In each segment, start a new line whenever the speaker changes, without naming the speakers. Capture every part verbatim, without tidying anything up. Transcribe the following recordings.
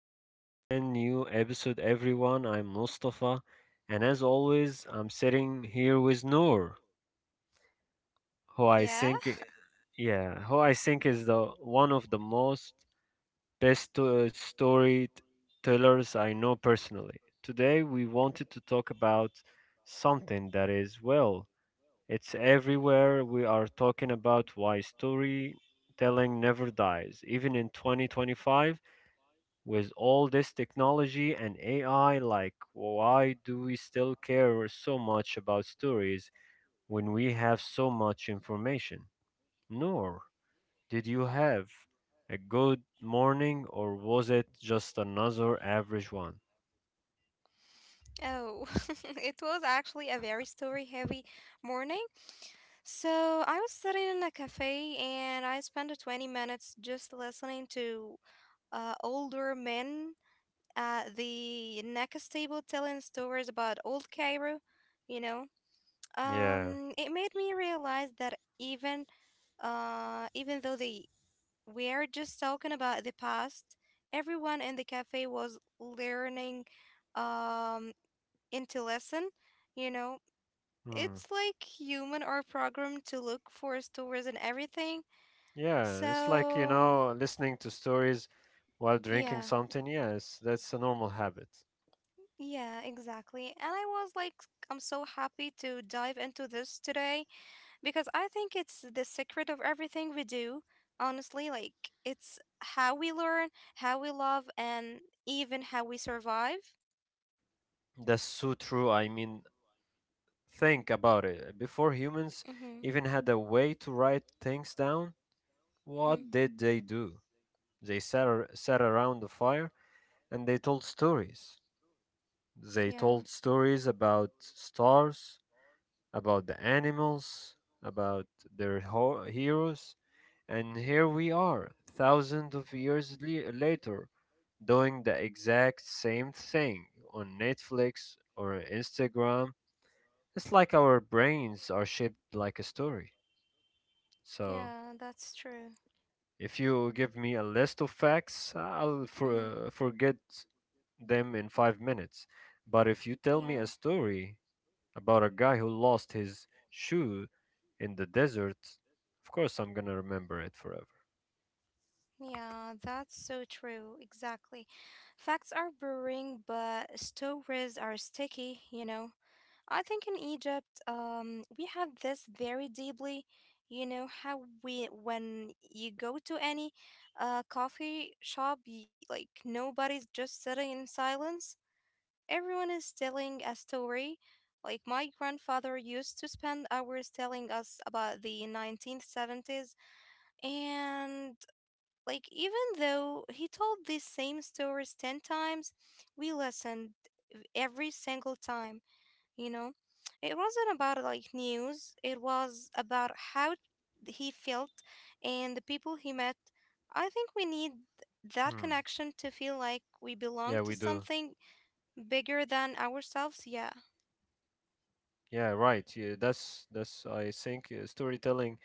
to a brand new episode, everyone. I'm Mustafa, and as always, I'm sitting here with Noor, who I think,
Yeah?
yeah, who I think is the one of the most best uh, storytellers I know personally. Today, we wanted to talk about something that is, well, it's everywhere. We are talking about why storytelling never dies, even in twenty twenty-five with all this technology and A I, like, why do we still care so much about stories when we have so much information? Nor, did you have a good morning, or was it just another average one?
Oh, it was actually a very story heavy morning. So I was sitting in a cafe and I spent twenty minutes just listening to uh, older men at the next table telling stories about old Cairo, you know.
Yeah.
Um, it made me realize that even uh, even though the we are just talking about the past. Everyone in the cafe was learning um into lesson, you know.
Hmm.
It's like human are programmed to look for stories and everything.
Yeah, it's like, you
So um,
know, listening to stories while drinking
yeah,
something. Yes, that's a normal habit.
yeah, exactly. And I was like I'm so happy to dive into this today because I think it's the secret of everything we do. Honestly, like it's how we learn, how we love, and even how we survive.
That's so true. I mean, think about it. Before humans
Mhm.
even had a way to write things down,
Mhm.
what did they do? They sat, ar- sat around the fire and they told stories. They
Yeah.
told stories about stars, about the animals, about their ho- heroes. And here we are, thousands of years le- later, doing the exact same thing on Netflix or Instagram. It's like our brains are shaped like a story. So
Yeah, that's true.
if you give me a list of facts, I'll for,
Mhm.
uh, forget them in five minutes. But if you tell
Yeah.
me a story about a guy who lost his shoe in the desert, of course I'm gonna remember it forever.
Yeah, that's so true. Exactly. Facts are boring, but stories are sticky, you know. I think in Egypt, um, we have this very deeply. You know how we, when you go to any uh, coffee shop, y like nobody's just sitting in silence. Everyone is telling a story. Like my grandfather used to spend hours telling us about the nineteen seventies, and like even though he told these same stories ten times, we listened every single time you know it wasn't about like news, it was about how he felt and the people he met. I think we need that
Hmm.
connection to feel like we belong
Yeah,
to
we do.
something bigger than ourselves. Yeah.
Yeah, right. Yeah, that's that's. I think uh, storytelling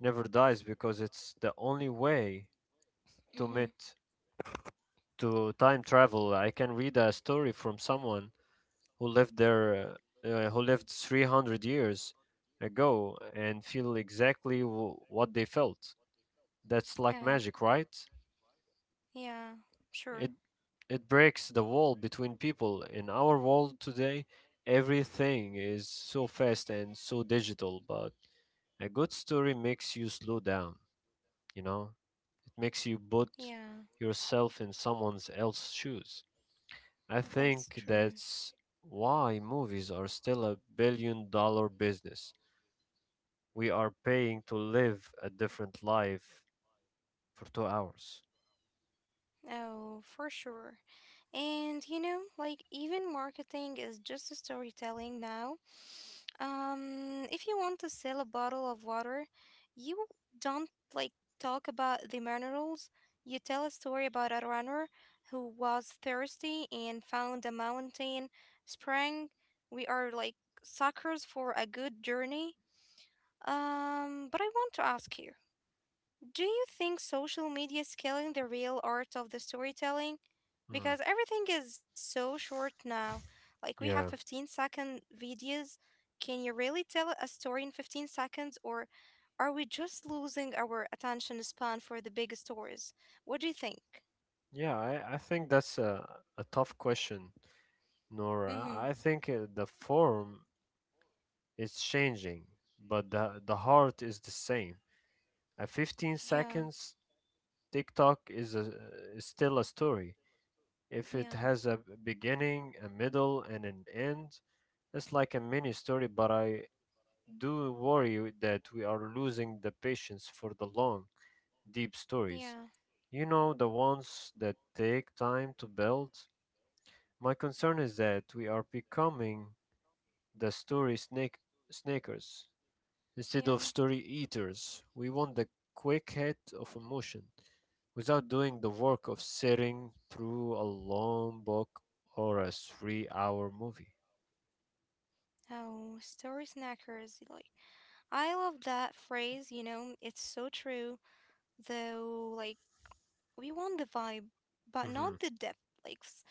never dies because it's the only way to
Mm-hmm.
meet to time travel. I can read a story from someone who lived there, uh, uh, who lived three hundred years ago and feel exactly w- what they felt. That's like
Yeah,
magic, right?
yeah, sure,
It it breaks the wall between people. In our world today, everything is so fast and so digital, but a good story makes you slow down, you know? It makes you put
yeah,
yourself in someone else's shoes. I
that's
think
true.
that's why movies are still a billion dollar business. We are paying to live a different life for two hours.
Oh, for sure. And you know, like even marketing is just a storytelling now. Um, if you want to sell a bottle of water, you don't like talk about the minerals. You tell a story about a runner who was thirsty and found a mountain spring. We are like suckers for a good journey. Um, but I want to ask you. Do you think social media is killing the real art of the storytelling?
Mm.
Because everything is so short now. Like we have
Yeah,
fifteen second videos. Can you really tell a story in fifteen seconds, or are we just losing our attention span for the big stories? What do you think?
yeah. I, I think that's a, a tough question,
Mhm.
Nora. I think uh, the form is changing, but the the heart is the same. At fifteen
Yeah.
seconds, TikTok is a is still a story. If it
Yeah.
has a beginning, a middle, and an end, it's like a mini story. But I do worry that we are losing the patience for the long deep stories.
Yeah.
You know, the ones that take time to build. My concern is that we are becoming the story snake snackers instead
Yeah.
of story eaters. We want the quick hit of emotion without doing the work of sitting through a long book or a three-hour movie.
Oh, story snackers. Like I love that phrase, you know, it's so true though, like we want the vibe, but not
Hmm.
the depth. Like, s-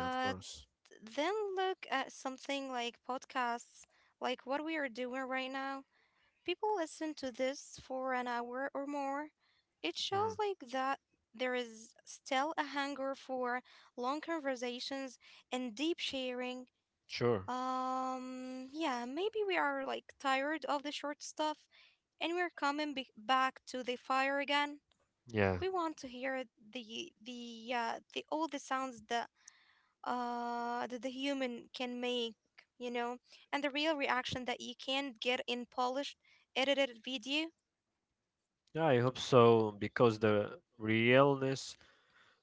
Yeah, of course.
then look at something like podcasts, like what we are doing right now. People listen to this for an hour or more. It shows
Mm,
like that there is still a hunger for long conversations and deep sharing.
sure.
Um, yeah, maybe we are like tired of the short stuff and we're coming be- back to the fire again.
Yeah.
We want to hear the the uh, the all the sounds that uh that the human can make, you know, and the real reaction that you can get in polished edited video.
Yeah, I hope so because the realness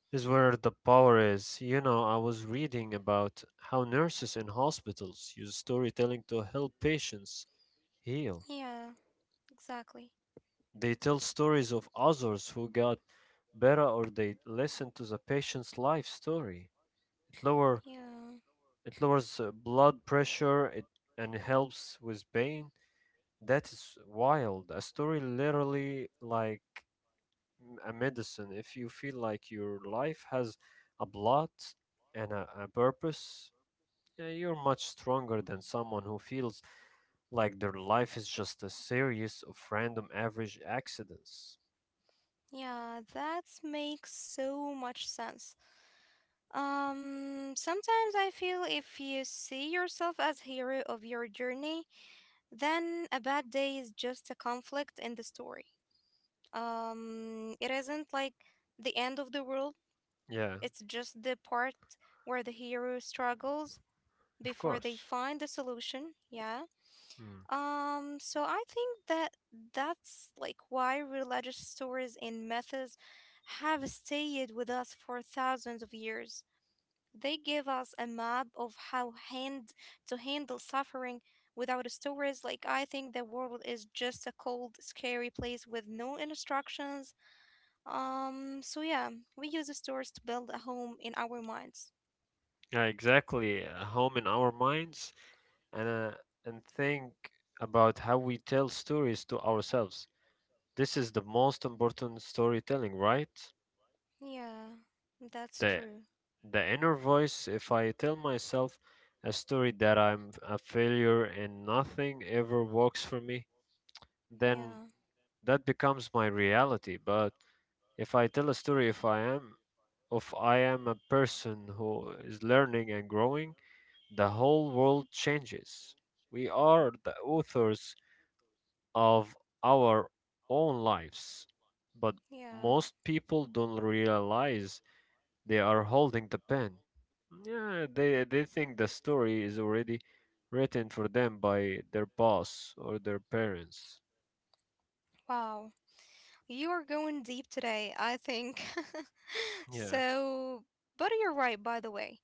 is where the power is. You know, I was reading about how nurses in hospitals use storytelling to help patients heal.
Yeah, exactly.
They tell stories of others who got better or they listen to the patient's life story. It lower
Yeah.
it lowers uh, blood pressure it, and helps with pain. That is wild. A story literally like m- a medicine. If you feel like your life has a plot and a, a purpose, yeah, you're much stronger than someone who feels like their life is just a series of random average accidents.
Yeah, that makes so much sense. Um, sometimes I feel if you see yourself as hero of your journey, then a bad day is just a conflict in the story. Um, it isn't like the end of the world,
Yeah,
it's just the part where the hero struggles
of
before they
course.
find the solution. Yeah.
Mm.
Um, so I think that that's like why religious stories and methods have stayed with us for thousands of years. They give us a map of how hand to handle suffering. Without stories, like I think the world is just a cold, scary place with no instructions. Um, so yeah, we use the stories to build a home in our minds.
Yeah, exactly. A home in our minds and uh, and think about how we tell stories to ourselves. This is the most important storytelling, right?
Yeah, that's
The
true.
the inner voice. If I tell myself a story that I'm a failure and nothing ever works for me, then
Yeah,
that becomes my reality. But if I tell a story, if I am, if I am a person who is learning and growing, the whole world changes. We are the authors of our own lives, but
yeah.
most people don't realize they are holding the pen. Yeah, they they think the story is already written for them by their boss or their parents.
Wow. You are going deep today, I think.
Yeah,
So, but you're right, by the way.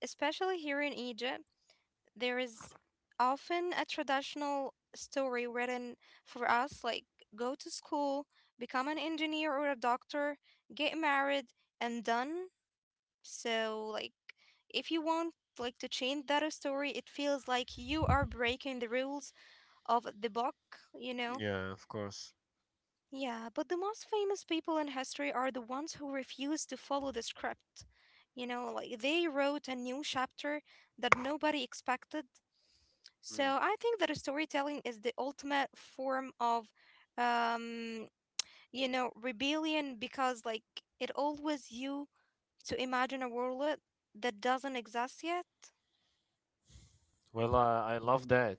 Especially here in Egypt, there is often a traditional story written for us, like go to school, become an engineer or a doctor, get married, and done. So, like, if you want like to change that story, it feels like you are breaking the rules of the book, you know?
yeah, of course.
Yeah, but the most famous people in history are the ones who refused to follow the script. You know, like they wrote a new chapter that nobody expected. So
Mm.
I think that storytelling is the ultimate form of, um, you know, rebellion, because like it allows you to imagine a world that doesn't exist yet.
Well, uh, I love that.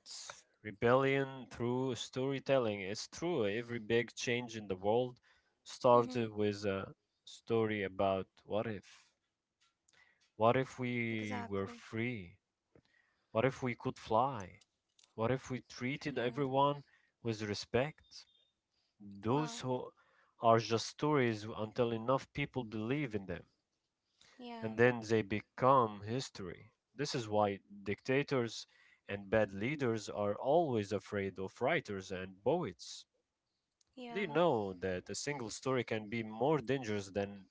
Rebellion through storytelling. It's true. Every big change in the world started
Mm-hmm.
with a story about what if? What if we were
Exactly.
free? What if we could fly? What if we treated
Yeah.
everyone with respect? Those
Wow.
who are just stories until enough people believe in them, and
Yeah.
then they become history. This is why dictators and bad leaders are always afraid of writers and poets.
Yeah.
They know that a single story can be more dangerous than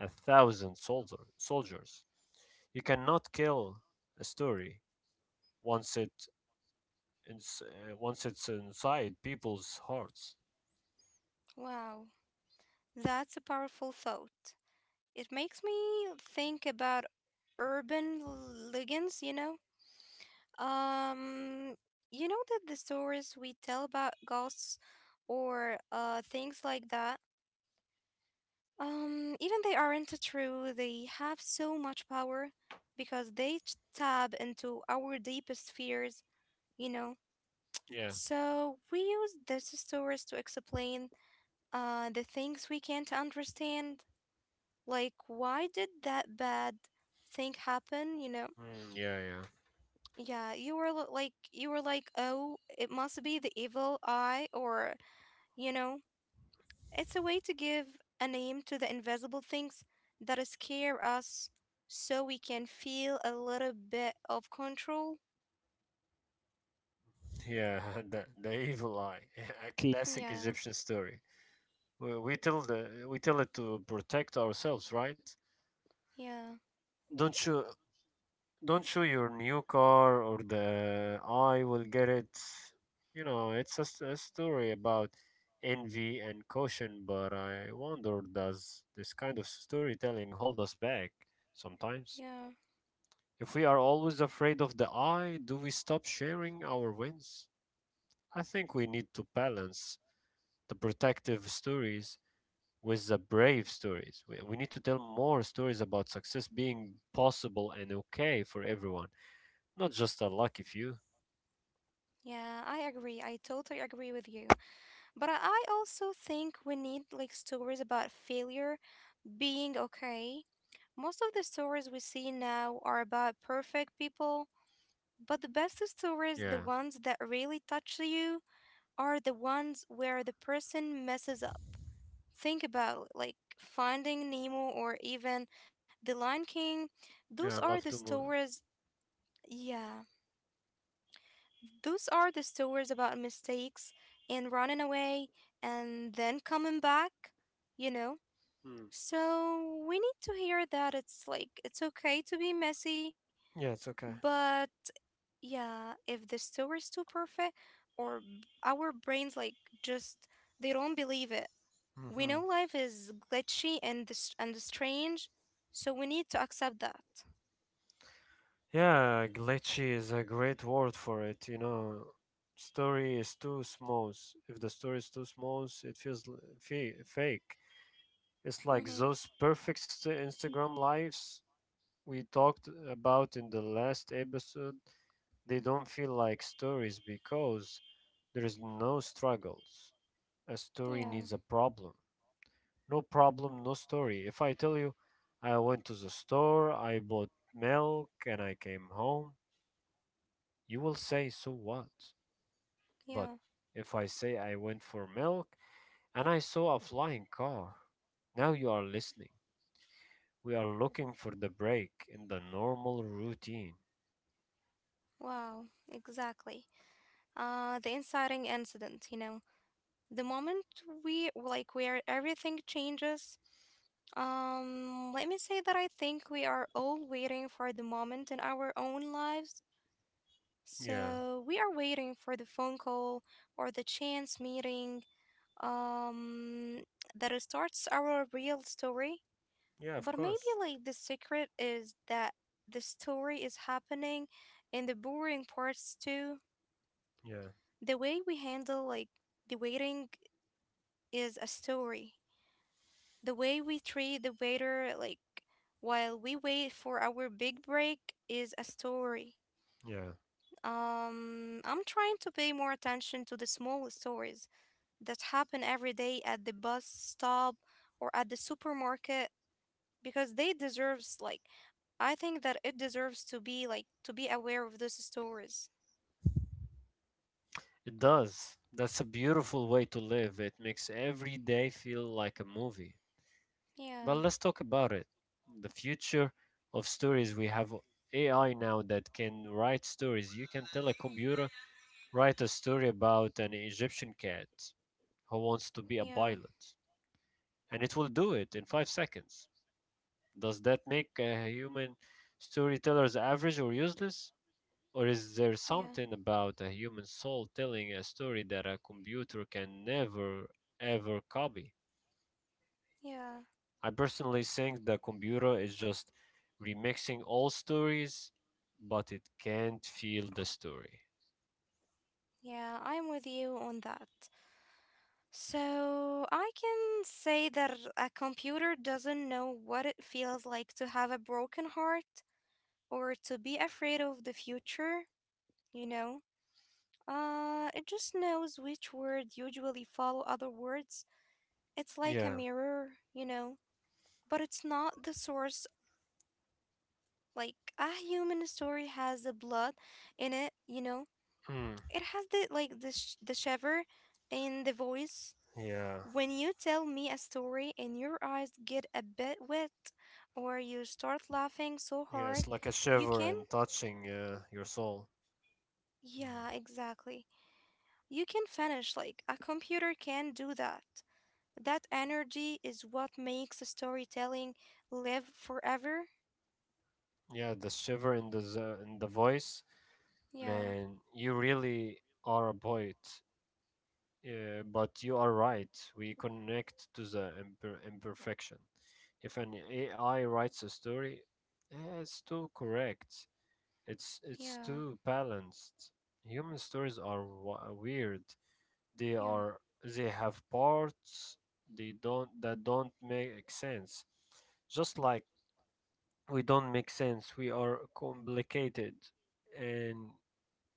a thousand soldier, soldiers. You cannot kill a story once it ins- uh, once it's inside people's hearts.
Wow. That's a powerful thought. It makes me think about urban legends, you know? Um, you know that the stories we tell about ghosts or uh things like that, um, even they aren't true, they have so much power because they t- tap into our deepest fears, you know?
Yeah.
So we use these stories to explain uh the things we can't understand, like why did that bad thing happen, you know?
Mm, yeah, yeah,
Yeah, you were lo- like you were like, "Oh, it must be the evil eye," or you know, it's a way to give a name to the invisible things that scare us so we can feel a little bit of control.
yeah. The, the evil eye, a classic
Yeah.
Egyptian story. We, we tell the we tell it to protect ourselves, right?
Yeah.
Don't show don't show your new car or the I will get it. You know, it's a, s- a story about envy and caution, but I wonder, does this kind of storytelling hold us back sometimes?
Yeah.
If we are always afraid of the I, do we stop sharing our wins? I think we need to balance the protective stories with the brave stories. We, we need to tell more stories about success being possible and okay for everyone, not just a lucky few.
Yeah, I agree. I totally agree with you. But I I also think we need like stories about failure being okay. Most of the stories we see now are about perfect people. But the best stories, the
Yeah,
ones that really touch you, are the ones where the person messes up. Think about it, like Finding Nemo or even The Lion King. Those
yeah, I
are
love
the
to move.
stories, yeah, those are the stories about mistakes and running away and then coming back, you know?
Mm.
So we need to hear that it's like it's okay to be messy,
Yeah, it's okay.
but yeah, if the story is too perfect, or b- our brains like just they don't believe it. We know
Hmm.
life is glitchy and dis- and strange, so we need to accept that.
Yeah, glitchy is a great word for it. You know, story is too smooth. If the story is too smooth, it feels l- fe- fake. It's like those
Mm-hmm.
perfect st- Instagram lives we talked about in the last episode. They don't feel like stories because there is no struggles. A story
Yeah,
needs a problem. No problem, no story. If I tell you, I went to the store, I bought milk, and I came home, you will say, so what?
yeah.
But if I say I went for milk and I saw a flying car, now you are listening. We are looking for the break in the normal routine.
Wow, exactly. Uh, the inciting incident, you know, the moment we like where everything changes. Um, let me say that I think we are all waiting for the moment in our own lives.
Yeah,
So we are waiting for the phone call or the chance meeting um that it starts our real story.
yeah, of
But maybe
course.
like the secret is that the story is happening in the boring parts too.
Yeah,
The way we handle like the waiting is a story. The way we treat the waiter like while we wait for our big break is a story.
yeah.
Um, I'm trying to pay more attention to the small stories that happen every day at the bus stop or at the supermarket, because they deserves like I think that it deserves to be like to be aware of those stories.
It does. That's a beautiful way to live. It makes every day feel like a movie. But
Yeah,
let's talk about it. The future of stories. We have A I now that can write stories. You can tell a computer, write a story about an Egyptian cat who wants to be a
yeah,
pilot, and it will do it in five seconds. Does that make uh, human storytellers average or useless? Or is there
yeah,
something about a human soul telling a story that a computer can never, ever copy?
yeah.
I personally think the computer is just remixing all stories, but it can't feel the story.
Yeah, I'm with you on that. So I can say that a computer doesn't know what it feels like to have a broken heart or to be afraid of the future, you know? Uh, it just knows which words usually follow other words. It's like a
Yeah.
mirror, you know, but it's not the source. Like a human story has the blood in it, you know.
Mm.
It has the like the sh- the shiver in the voice.
Yeah.
When you tell me a story and your eyes get a bit wet, or you start laughing so
Yeah.
hard,
It's like a
you
shiver
can.
and touching uh, your soul.
Yeah,
Mm.
exactly. You can finish like a computer can do that. That energy is what makes storytelling live forever.
Yeah, the shiver in the z- in the voice,
Yeah.
man. You really are a poet. Yeah, but you are right. We connect to the imper- imperfection. If an A I writes a story, eh, it's too correct. It's it's
Yeah,
too balanced. Human stories are wa- weird. They
yeah,
are they have parts they don't that don't make sense. Just like we don't make sense, we are complicated and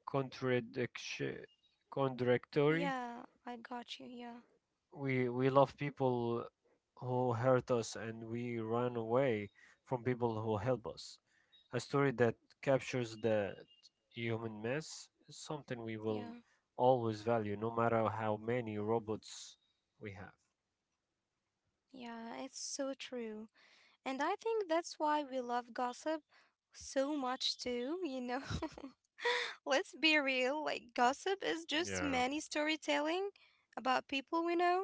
contradiction contradictory.
yeah, I got you. Yeah,
We we love people who hurt us and we run away from people who help us. A story that captures the human mess is something we
yeah,
will always value, no matter how many robots we have.
yeah, it's so true. And I think that's why we love gossip so much, too, you know? Let's be real, like, gossip is just
Yeah.
many storytelling about people we know,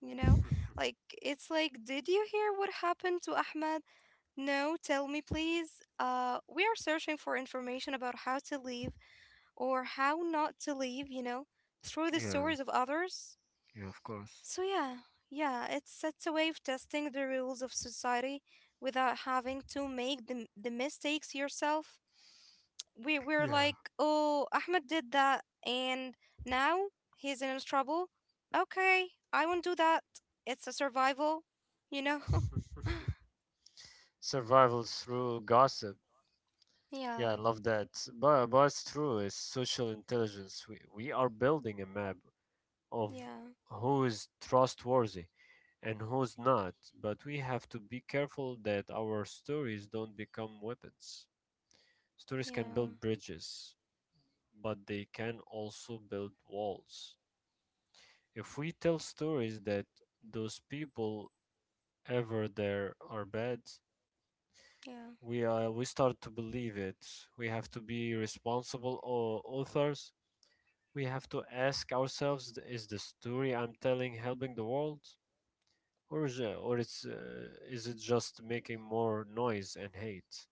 you know? Like, it's like, did you hear what happened to Ahmed? No, tell me, please. Uh, we are searching for information about how to leave or how not to leave, you know? Through the stories
yeah.
of others.
Yeah, of course.
So yeah, yeah, it's it's a way of testing the rules of society without having to make the the mistakes yourself. We we're
Yeah.
like, oh, Ahmed did that, and now he's in trouble. Okay, I won't do that. It's a survival, you know.
Survival through gossip. Yeah,
Yeah,
I love that. But, but it's true. It's social intelligence. We, we are building a map of
yeah,
who is trustworthy and who's not, but we have to be careful that our stories don't become weapons. Stories can
yeah,
build bridges, but they can also build walls. If we tell stories that those people ever there are bad,
yeah,
we uh, we start to believe it. We have to be responsible au- authors. We have to ask ourselves: is the story I'm telling helping the world? Or is it, or it's uh, is it just making more noise and hate?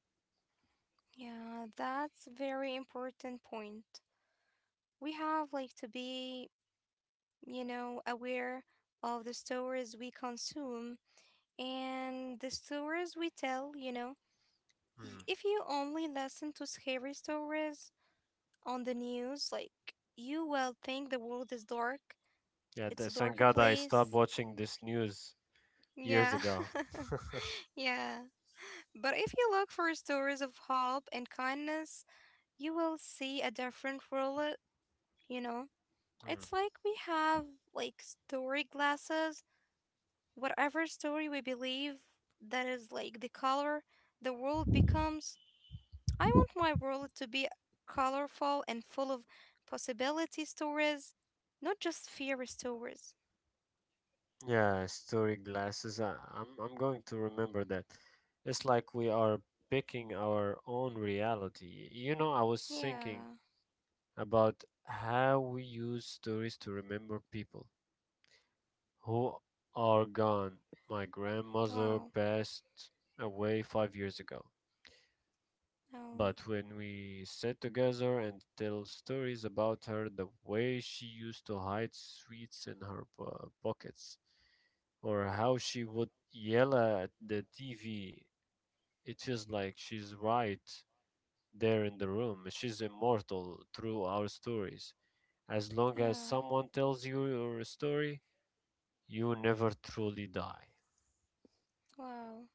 yeah. That's a very important point. We have like to be you know, aware of the stories we consume and the stories we tell, you know.
Hmm.
Y- If you only listen to scary stories on the news, like, you will think the world is dark,
Yeah,
it's a
th- thank
darker
God I stopped
place.
watching this news years
Yeah.
ago.
Yeah. But if you look for stories of hope and kindness, you will see a different world, you know.
Hmm.
It's like we have like story glasses. Whatever story we believe, that is like the color the world becomes. I want my world to be colorful and full of possibility stories, not just fear stories.
Yeah, story glasses. I, I'm I'm going to remember that. It's like we are picking our own reality. You know, I was
Yeah,
thinking about how we use stories to remember people who are gone. My grandmother
wow.
passed away five years ago.
Oh,
But when we sit together and tell stories about her, the way she used to hide sweets in her po- pockets, or how she would yell at the T V, it feels like she's right there in the room. She's immortal through our stories. As long as
yeah,
someone tells you your story, you never truly die.
wow.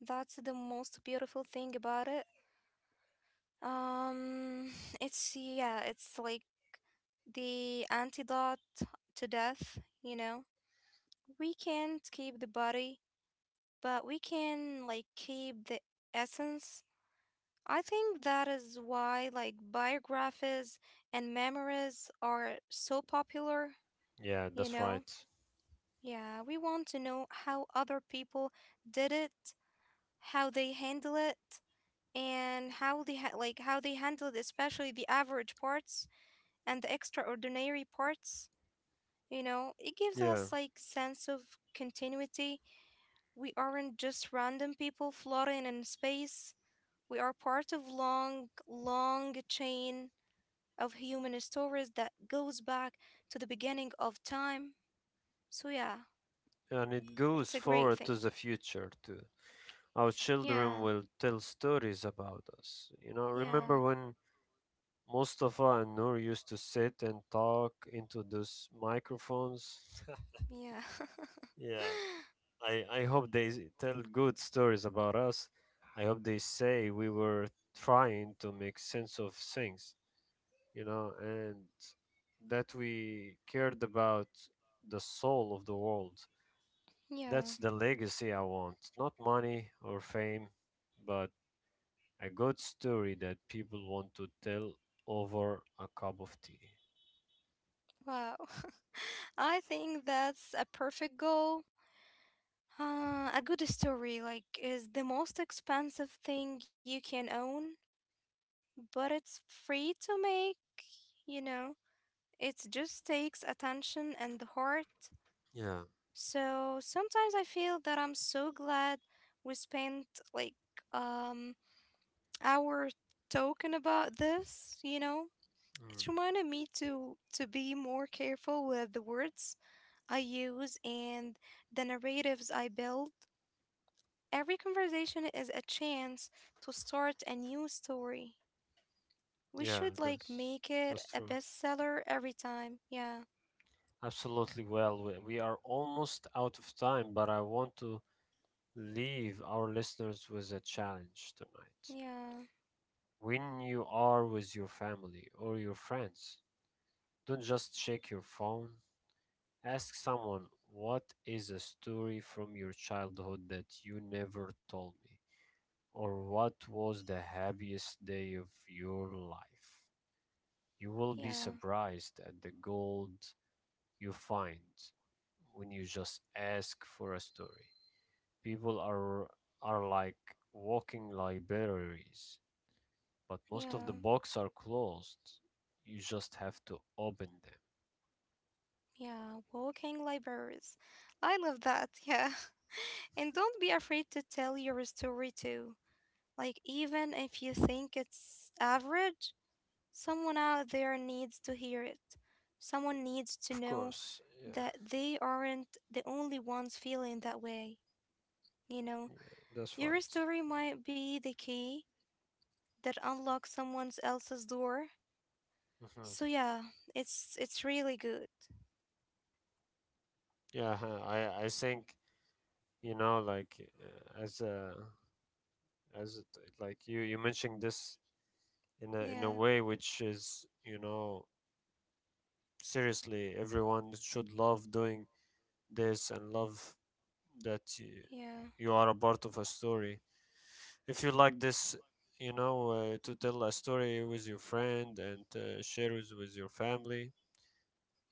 That's the most beautiful thing about it. Um, it's, yeah, it's like the antidote to death, you know? We can't keep the body but we can like keep the essence. I think that is why like biographies and memoirs are so popular,
Yeah,
you
that's
know?
right.
Yeah, we want to know how other people did it, how they handle it, and how they ha- like how they handled especially the average parts and the extraordinary parts. You know, it gives
Yeah,
us like sense of continuity. We aren't just random people floating in space. We are part of long, long chain of human stories that goes back to the beginning of time. So yeah,
and it goes
it's a great
forward to
thing.
the future too. Our children
Yeah,
will tell stories about us. You know,
yeah,
remember when Mustafa and Noor used to sit and talk into those microphones?
yeah.
Yeah, I, I hope they s- tell good stories about us. I hope they say we were trying to make sense of things, you know, and that we cared about the soul of the world.
yeah.
That's the legacy I want, not money or fame, but a good story that people want to tell over a cup of tea.
Wow. I think that's a perfect goal. Uh, a good story like is the most expensive thing you can own, but it's free to make, you know. It just takes attention and the heart.
Yeah,
So sometimes I feel that I'm so glad we spent like um hour talking about this, you know? It
mm,
reminded me to to be more careful with the words I use and the narratives I build. Every conversation is a chance to start a new story. We
yeah,
should like
that's
make it
that's
a
true.
bestseller every time. Yeah.
Absolutely. Well, we, we are almost out of time, but I want to leave our listeners with a challenge tonight.
Yeah.
When you are with your family or your friends, don't just check your phone. Ask someone, what is a story from your childhood that you never told me? Or what was the happiest day of your life? You will be
Yeah.
surprised at the gold you find when you just ask for a story. People are are like walking libraries, but most of
Yeah.
the books are closed. You just have to open them.
Yeah, walking libraries. I love that. Yeah. And don't be afraid to tell your story too. Like, even if you think it's average, someone out there needs to hear it. Someone needs to
Of
know
course, yeah,
that they aren't the only ones feeling that way. You know,
yeah, that's
your
right.
story might be the key that unlocks someone else's door. So
Hmm.
yeah, it's it's really good.
Yeah, huh, I I think you know like uh, as a as it, like you you mentioned this in a in
Yeah,
a way which is, you know, seriously everyone should love doing this and love that you,
yeah.
you are a part of a story. If you like this, you know, uh, to tell a story with your friend and uh, share it with your family,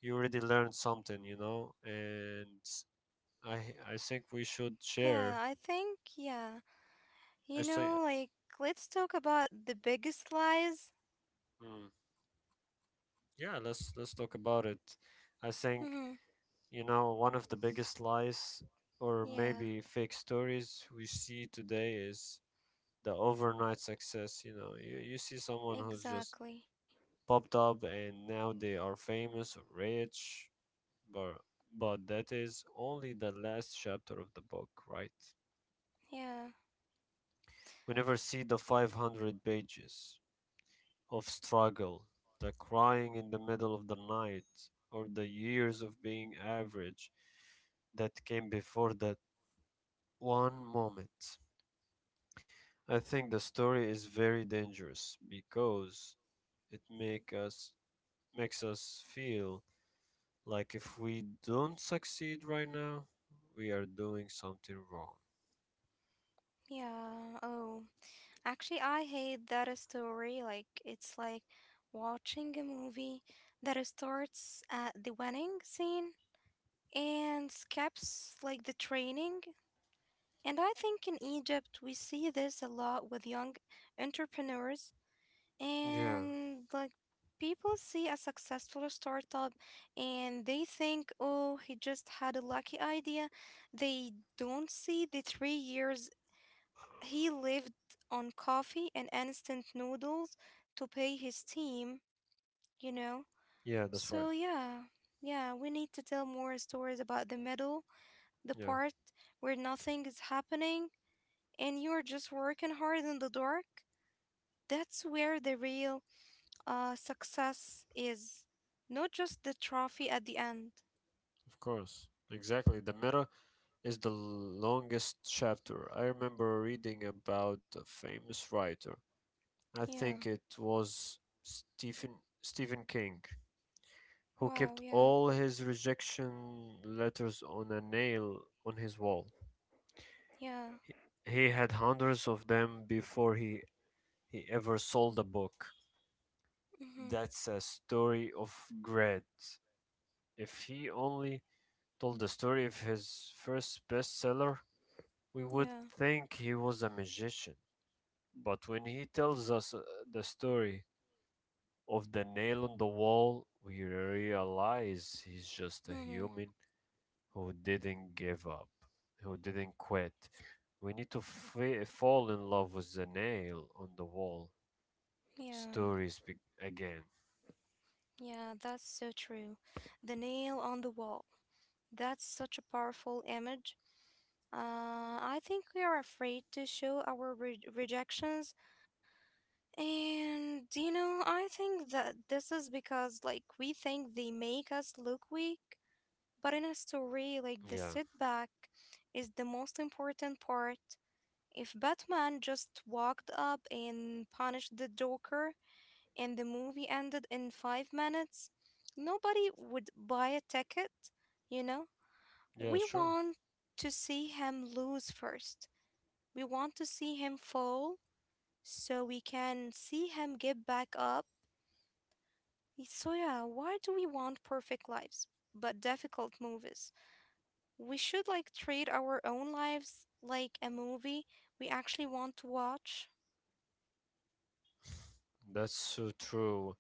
you already learned something, you know. And i i think we should
Yeah,
share.
I think yeah. You
I think,
know, like, let's talk about the biggest lies.
mm, yeah, let's let's talk about it. I think,
Hmm.
you know, one of the biggest lies or
Yeah,
maybe fake stories we see today is the overnight success. You know, you, you see someone who's just
exactly.
popped up and now they are famous or rich, but, but that is only the last chapter of the book, right?
Yeah,
We never see the five hundred pages of struggle, the crying in the middle of the night, or the years of being average that came before that one moment. I think the story is very dangerous because it make us makes us feel like if we don't succeed right now, we are doing something wrong.
yeah. Oh, actually, I hate that a story. Like, it's like watching a movie that starts at the wedding scene and skips, like, the training. And I think in Egypt, we see this a lot with young entrepreneurs.
Yeah,
And like people see a successful startup and they think, oh, he just had a lucky idea. They don't see the three years he lived on coffee and instant noodles to pay his team, you know?
yeah, that's
So,
right.
yeah, yeah, we need to tell more stories about the middle, the
Yeah,
part where nothing is happening and you're just working hard in the dark. That's where the real uh, success is, not just the trophy at the end.
of course. Exactly. The meta is the longest chapter. I remember reading about a famous writer. I
Yeah.
think it was Stephen Stephen King, who
Wow.
kept
Yeah.
all his rejection letters on a nail on his wall.
Yeah.
He he had hundreds of them before he, he ever sold a book.
Mhm.
That's a story of dread. If he only told the story of his first bestseller, we would
Yeah.
think he was a magician. But when he tells us uh, the story of the nail on the wall, we realize he's just a
Mhm.
human who didn't give up, who didn't quit. We need to fa- fall in love with the nail on the wall
Yeah.
stories be- again.
Yeah. That's so true. The nail on the wall. That's such a powerful image. Uh, I think we are afraid to show our re- rejections, and you know, I think that this is because like we think they make us look weak. But in a story like the
Yeah,
setback is the most important part. If Batman just walked up and punished the Joker and the movie ended in five minutes, nobody would buy a ticket, you know?
yeah,
We
sure.
want to see him lose first. We want to see him fall so we can see him get back up. So, yeah, why do we want perfect lives but difficult movies? We should like treat our own lives like a movie we actually want to watch.
That's so true.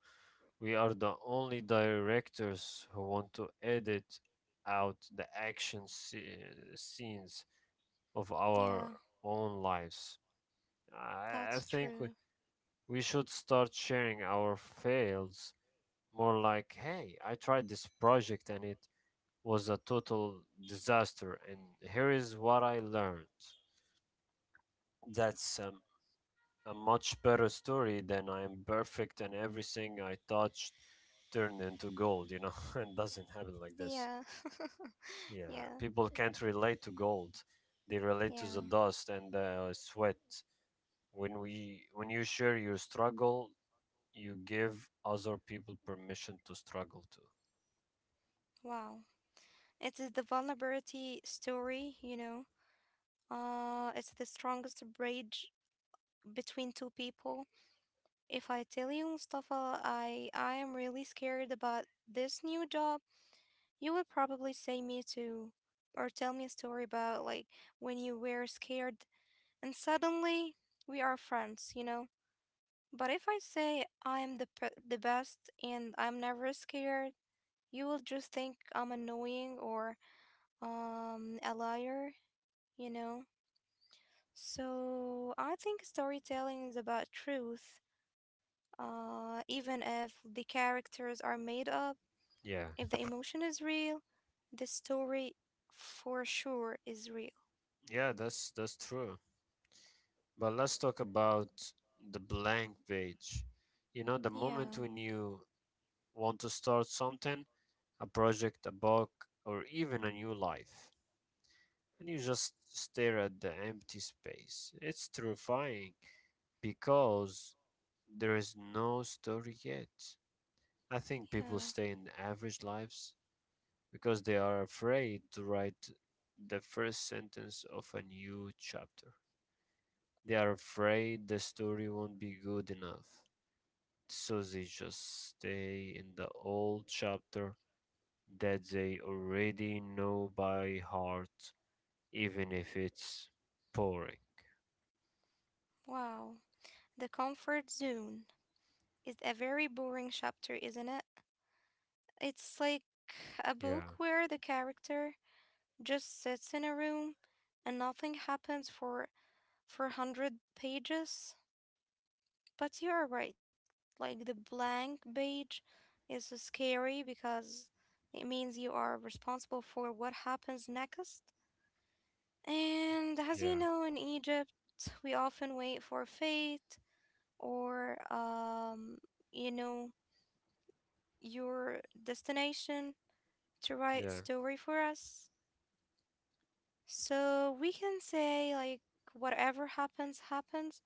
We are the only directors who want to edit out the action sce- scenes of
Yeah,
our own lives. I, I
that's
think we,
true.
we should start sharing our fails more, like, hey, I tried this project and it was a total disaster, and here is what I learned. That's um, a much better story than I am perfect and everything I touched turned into gold, you know? It doesn't happen like this.
Yeah.
Yeah,
yeah.
people can't relate to gold. They relate to the
Yeah.
dust and the sweat. When we when you share your struggle, you give other people permission to struggle too.
Wow. It is the vulnerability story, you know. Uh it's the strongest bridge between two people. If I tell you, Mustafa, I I am really scared about this new job, you will probably say me too. Or tell me a story about like when you were scared. And suddenly, we are friends, you know? But if I say I am the, pe- the best and I'm never scared, you will just think I'm annoying or um, a liar, you know? So I think storytelling is about truth. Uh, even if the characters are made up,
Yeah.
if the emotion is real, the story for sure is real.
Yeah, that's that's true. But let's talk about the blank page. You know, the moment
Yeah,
when you want to start something, a project, a book, or even a new life, and you just stare at the empty space. It's terrifying because there is no story yet. I think people
yeah.
stay in average lives because they are afraid to write the first sentence of a new chapter. They are afraid the story won't be good enough, so they just stay in the old chapter that they already know by heart, even if it's boring.
Wow. The comfort zone is a very boring chapter, isn't it? It's like a
Yeah,
book where the character just sits in a room and nothing happens for for one hundred pages. But you are right. Like the blank page is scary because it means you are responsible for what happens next. And as you
yeah,
know, in Egypt, we often wait for fate or, um, you know, your destination to write
yeah,
story for us. So we can say, like, whatever happens, happens.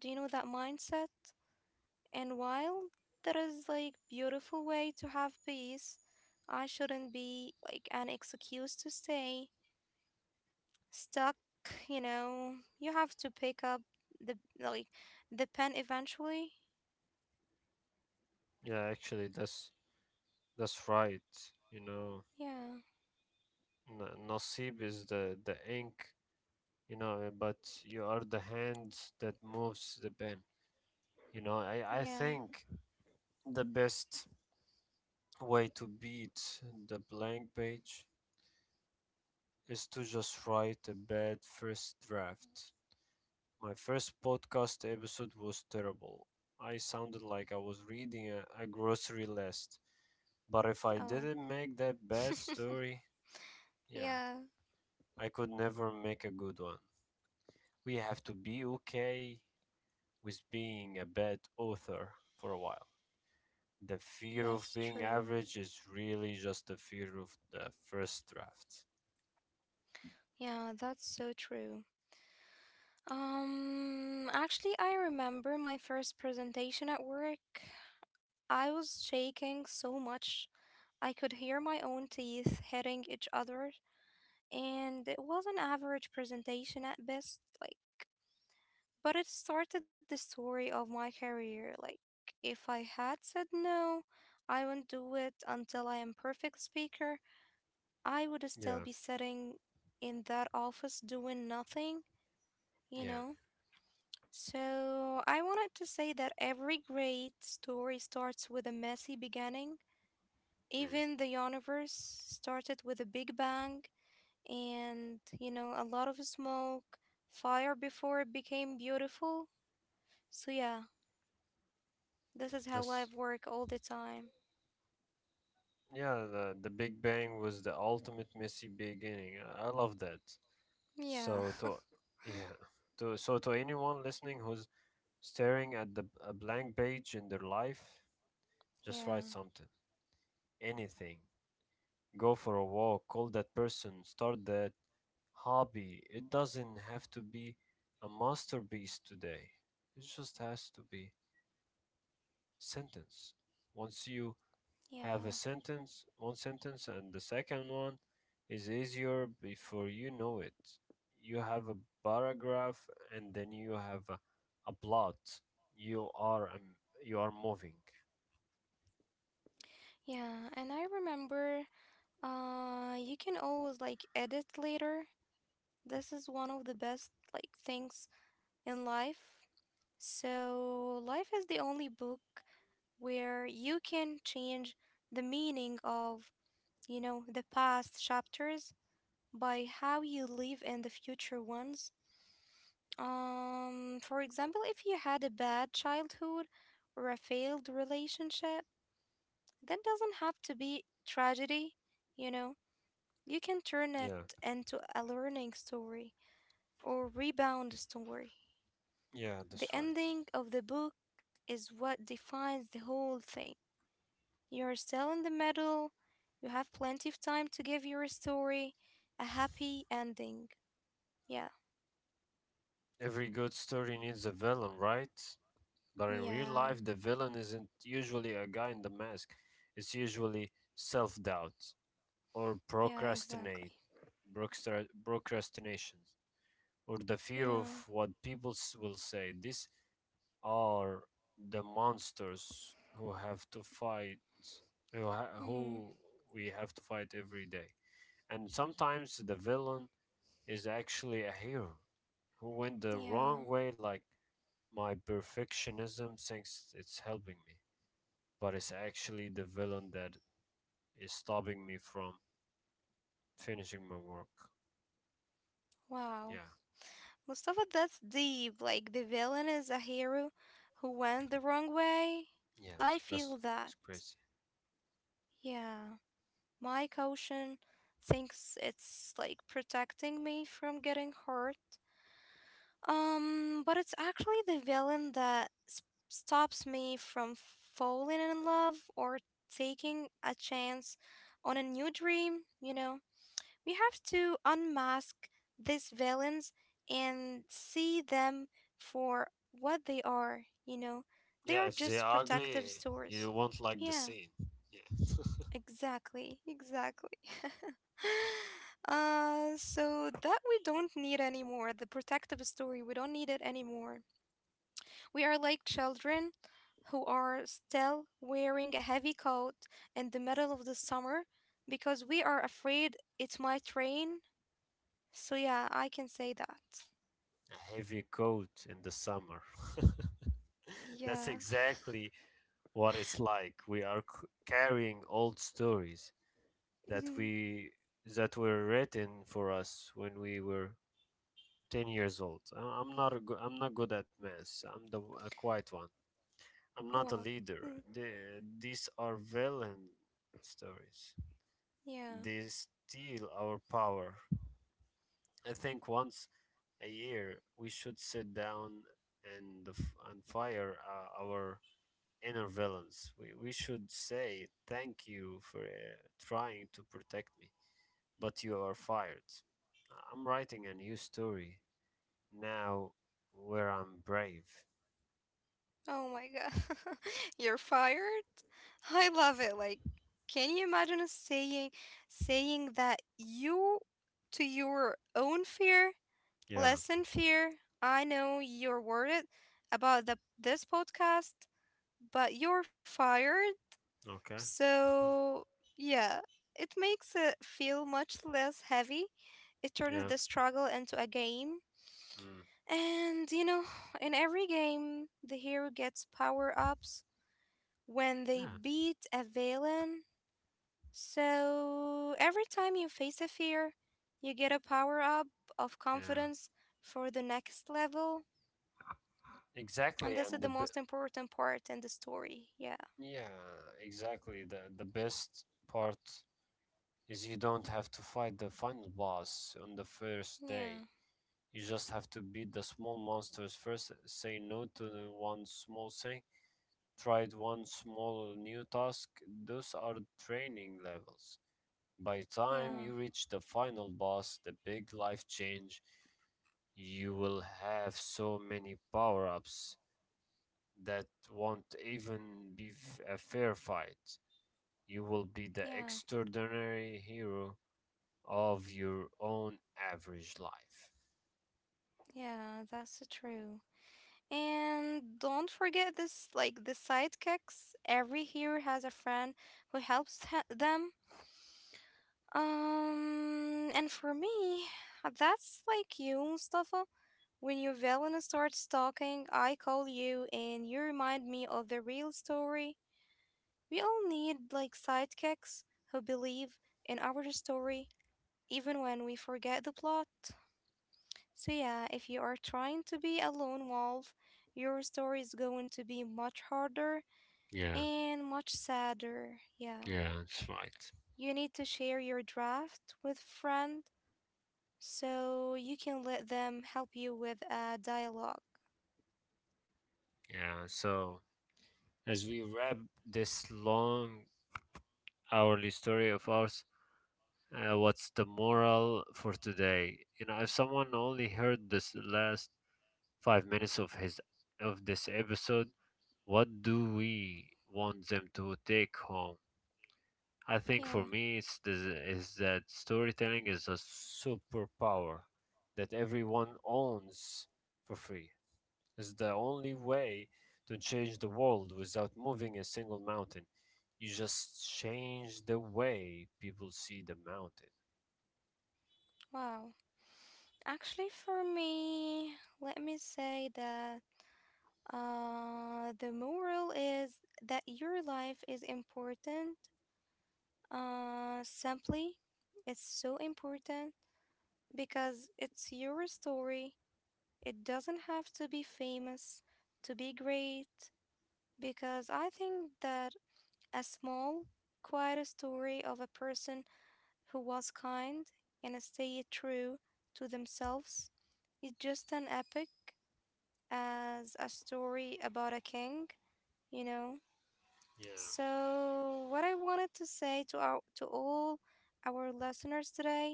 Do you know that mindset? And while that is like beautiful way to have peace, I shouldn't be like an excuse to stay stuck, you know. You have to pick up the like the pen eventually.
yeah. Actually, that's that's right. You know,
Yeah.
N- Nasib is the the ink. You know, uh, but you are the hand that moves the pen. You know, I I
Yeah.
think the best way to beat the blank page is to just write a bad first draft. My first podcast episode was terrible. I sounded like I was reading a, a grocery list. But if I
Oh.
didn't make that bad story, yeah,
Yeah,
I could never make a good one. We have to be okay with being a bad author for a while. The fear of
that's
being
true.
average is really just the fear of the first draft.
Yeah, that's so true. Um, actually, I remember my first presentation at work. I was shaking so much I could hear my own teeth hitting each other, and it was an average presentation at best, like, but it started the story of my career. Like, if I had said no, I won't do it until I am perfect speaker, I would still
Yeah,
be sitting in that office doing nothing, you
yeah.
know? So, I wanted to say that every great story starts with a messy beginning.
Mm.
Even the universe started with a big bang and, you know, a lot of smoke, fire before it became beautiful. So, yeah, this is how
That's
life work all the time.
yeah, the, the Big Bang was the ultimate messy beginning. I I love that.
Yeah.
So to Yeah, to so to anyone listening who's staring at the a blank page in their life, just
Yeah,
write something, anything. Go for a walk, call that person, start that hobby. It doesn't have to be a masterpiece today. It just has to be sentence. Once you
yeah,
have a sentence, one sentence, and the second one is easier before you know it. You have a paragraph, and then you have a, a plot. You are um, you are moving.
yeah. And I remember, uh, you can always like edit later. This is one of the best like things in life. So, life is the only book where you can change the meaning of you know, the past chapters by how you live in the future ones. Um, for example, if you had a bad childhood or a failed relationship, that doesn't have to be tragedy, you know. You can turn it
Yeah,
into a learning story or rebound story.
yeah, that's
The
right.
ending of the book is what defines the whole thing. You're still in the middle, you have plenty of time to give your story a happy ending. Yeah.
Every good story needs a villain, right? But in real life, the
Yeah.
villain isn't usually a guy in the mask. It's usually self doubt or
Yeah,
procrastinate,
exactly.
procrastination, or the fear of
Yeah.
what people s- will say. These are the monsters who have to fight, who, ha-
Mm-hmm.
who we have to fight every day. And sometimes the villain is actually a hero who went the wrong
Yeah.
way, like my perfectionism thinks it's helping me, but it's actually the villain that is stopping me from finishing my work. Yeah,
Wow. Mustafa, that's deep. Like the villain is a hero who went the wrong way.
yeah,
I feel
that's,
that.
that's crazy.
Yeah. My caution thinks it's like protecting me from getting hurt. Um, but it's actually the villain that s- stops me from falling in love or taking a chance on a new dream, you know? We have to unmask these villains and see them for what they are, you know? They
Yeah,
are
if they're
just protective
ugly,
stores.
you won't like the
Yeah,
scene. Yeah.
exactly, exactly. uh, so that we don't need anymore. The protective story, we don't need it anymore. We are like children who are still wearing a heavy coat in the middle of the summer because we are afraid it might rain so yeah, I can say that.
Heavy coat in the summer. That's
Yeah.
exactly what it's like. We are c- carrying old stories that
Mhm.
we that were written for us when we were ten years old. I- I'm not a go- I'm not good at math. I'm the w- a quiet one. I'm not a
Wow.
leader.
Mm.
The- these are villain stories.
Yeah.
They steal our power. I think once a year, we should sit down and f- and fire uh, our inner villains. We we should say thank you for uh, trying to protect me, but you are fired. I'm writing a new story now where I'm brave.
Oh my god. You're fired? I love it. Like, can you imagine us saying saying that you to your own fear,
Yeah.
lessen fear? I know you're worried about the this podcast, but you're fired.
Okay.
So, yeah, it makes it feel much less heavy. It turns the
Yeah.
struggle into a game.
Mm.
And, you know, in every game, the hero gets power ups when they
Yeah.
beat a villain. So, every time you face a fear, you get a power up of
Yeah.
confidence for the next level.
Exactly.
And this
And
is
the
the
b-
most important part in the story. Yeah.
yeah, exactly. The the best part is you don't have to fight the final boss on the first
Yeah.
day. You just have to beat the small monsters first, say no to the one small thing, try one small new task. Those are training levels. By time
Yeah.
you reach the final boss, the big life change, you will have so many power-ups that won't even be f- a fair fight. You will be
Yeah.
the extraordinary hero of your own average life.
Yeah. That's true. And don't forget this, like the sidekicks. Every hero has a friend who helps ha- them. Um, and for me, that's like you, Mustafa. When your villain starts talking, I call you and you remind me of the real story. We all need like sidekicks who believe in our story, even when we forget the plot. So, yeah, if you are trying to be a lone wolf, your story is going to be much harder
Yeah,
and much sadder. Yeah.
yeah, that's right.
You need to share your draft with friend so you can let them help you with a dialogue.
Yeah, so as we wrap this long hourly story of ours, uh, what's the moral for today? You know, if someone only heard this last five minutes of his of this episode, what do we want them to take home? I
Yeah.
think for me, it's this, is that storytelling is a superpower that everyone owns for free. Is the only way to change the world without moving a single mountain. You just change the way people see the mountain.
Wow. Actually, for me, let me say that uh, the moral is that your life is important. Uh, simply, it's so important because it's your story. It doesn't have to be famous to be great, because I think that a small, quiet story of a person who was kind and stayed true to themselves is just an epic as a story about a king, you know?
Yeah.
So, what I wanted to say to our to all our listeners today,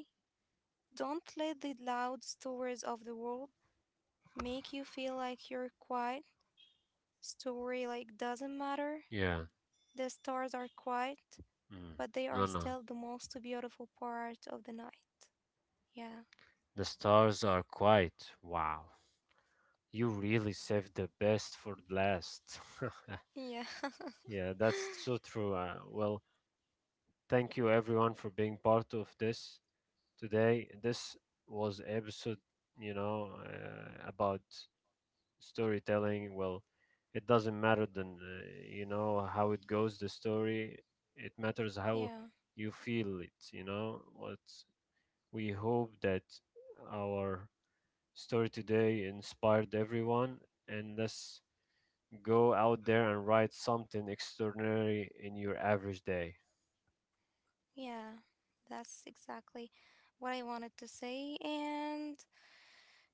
don't let the loud stories of the world make you feel like you're quiet. Story like doesn't matter.
Yeah.
The stars are quiet,
Mm.
but they
No,
are
no.
still the most beautiful part of the night. Yeah.
The stars are quite wow. You really saved the best for last.
Yeah.
Yeah, that's so true. Uh, well, thank you everyone for being part of this today. This was episode, you know, uh, about storytelling. Well, it doesn't matter then, uh, you know, how it goes the story. It matters
yeah.
how you feel it, you know what? We hope that our story today inspired everyone, and let's go out there and write something extraordinary in your average day.
Yeah. That's exactly what I wanted to say. And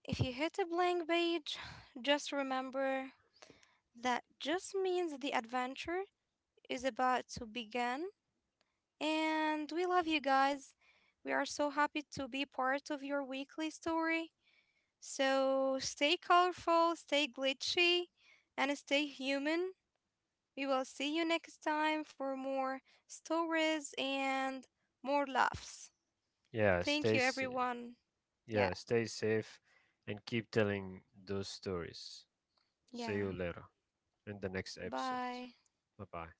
if you hit a blank page, just remember that just means the adventure is about to begin. And we love you guys. We are so happy to be part of your weekly story. So stay colorful, stay glitchy, and stay human. We will see you next time for more stories and more laughs.
yeah
Thank
stay
you,
s-
everyone. Yeah,
yeah, stay safe and keep telling those stories. See you
yeah.
later in the next episode.
Bye.
Bye bye.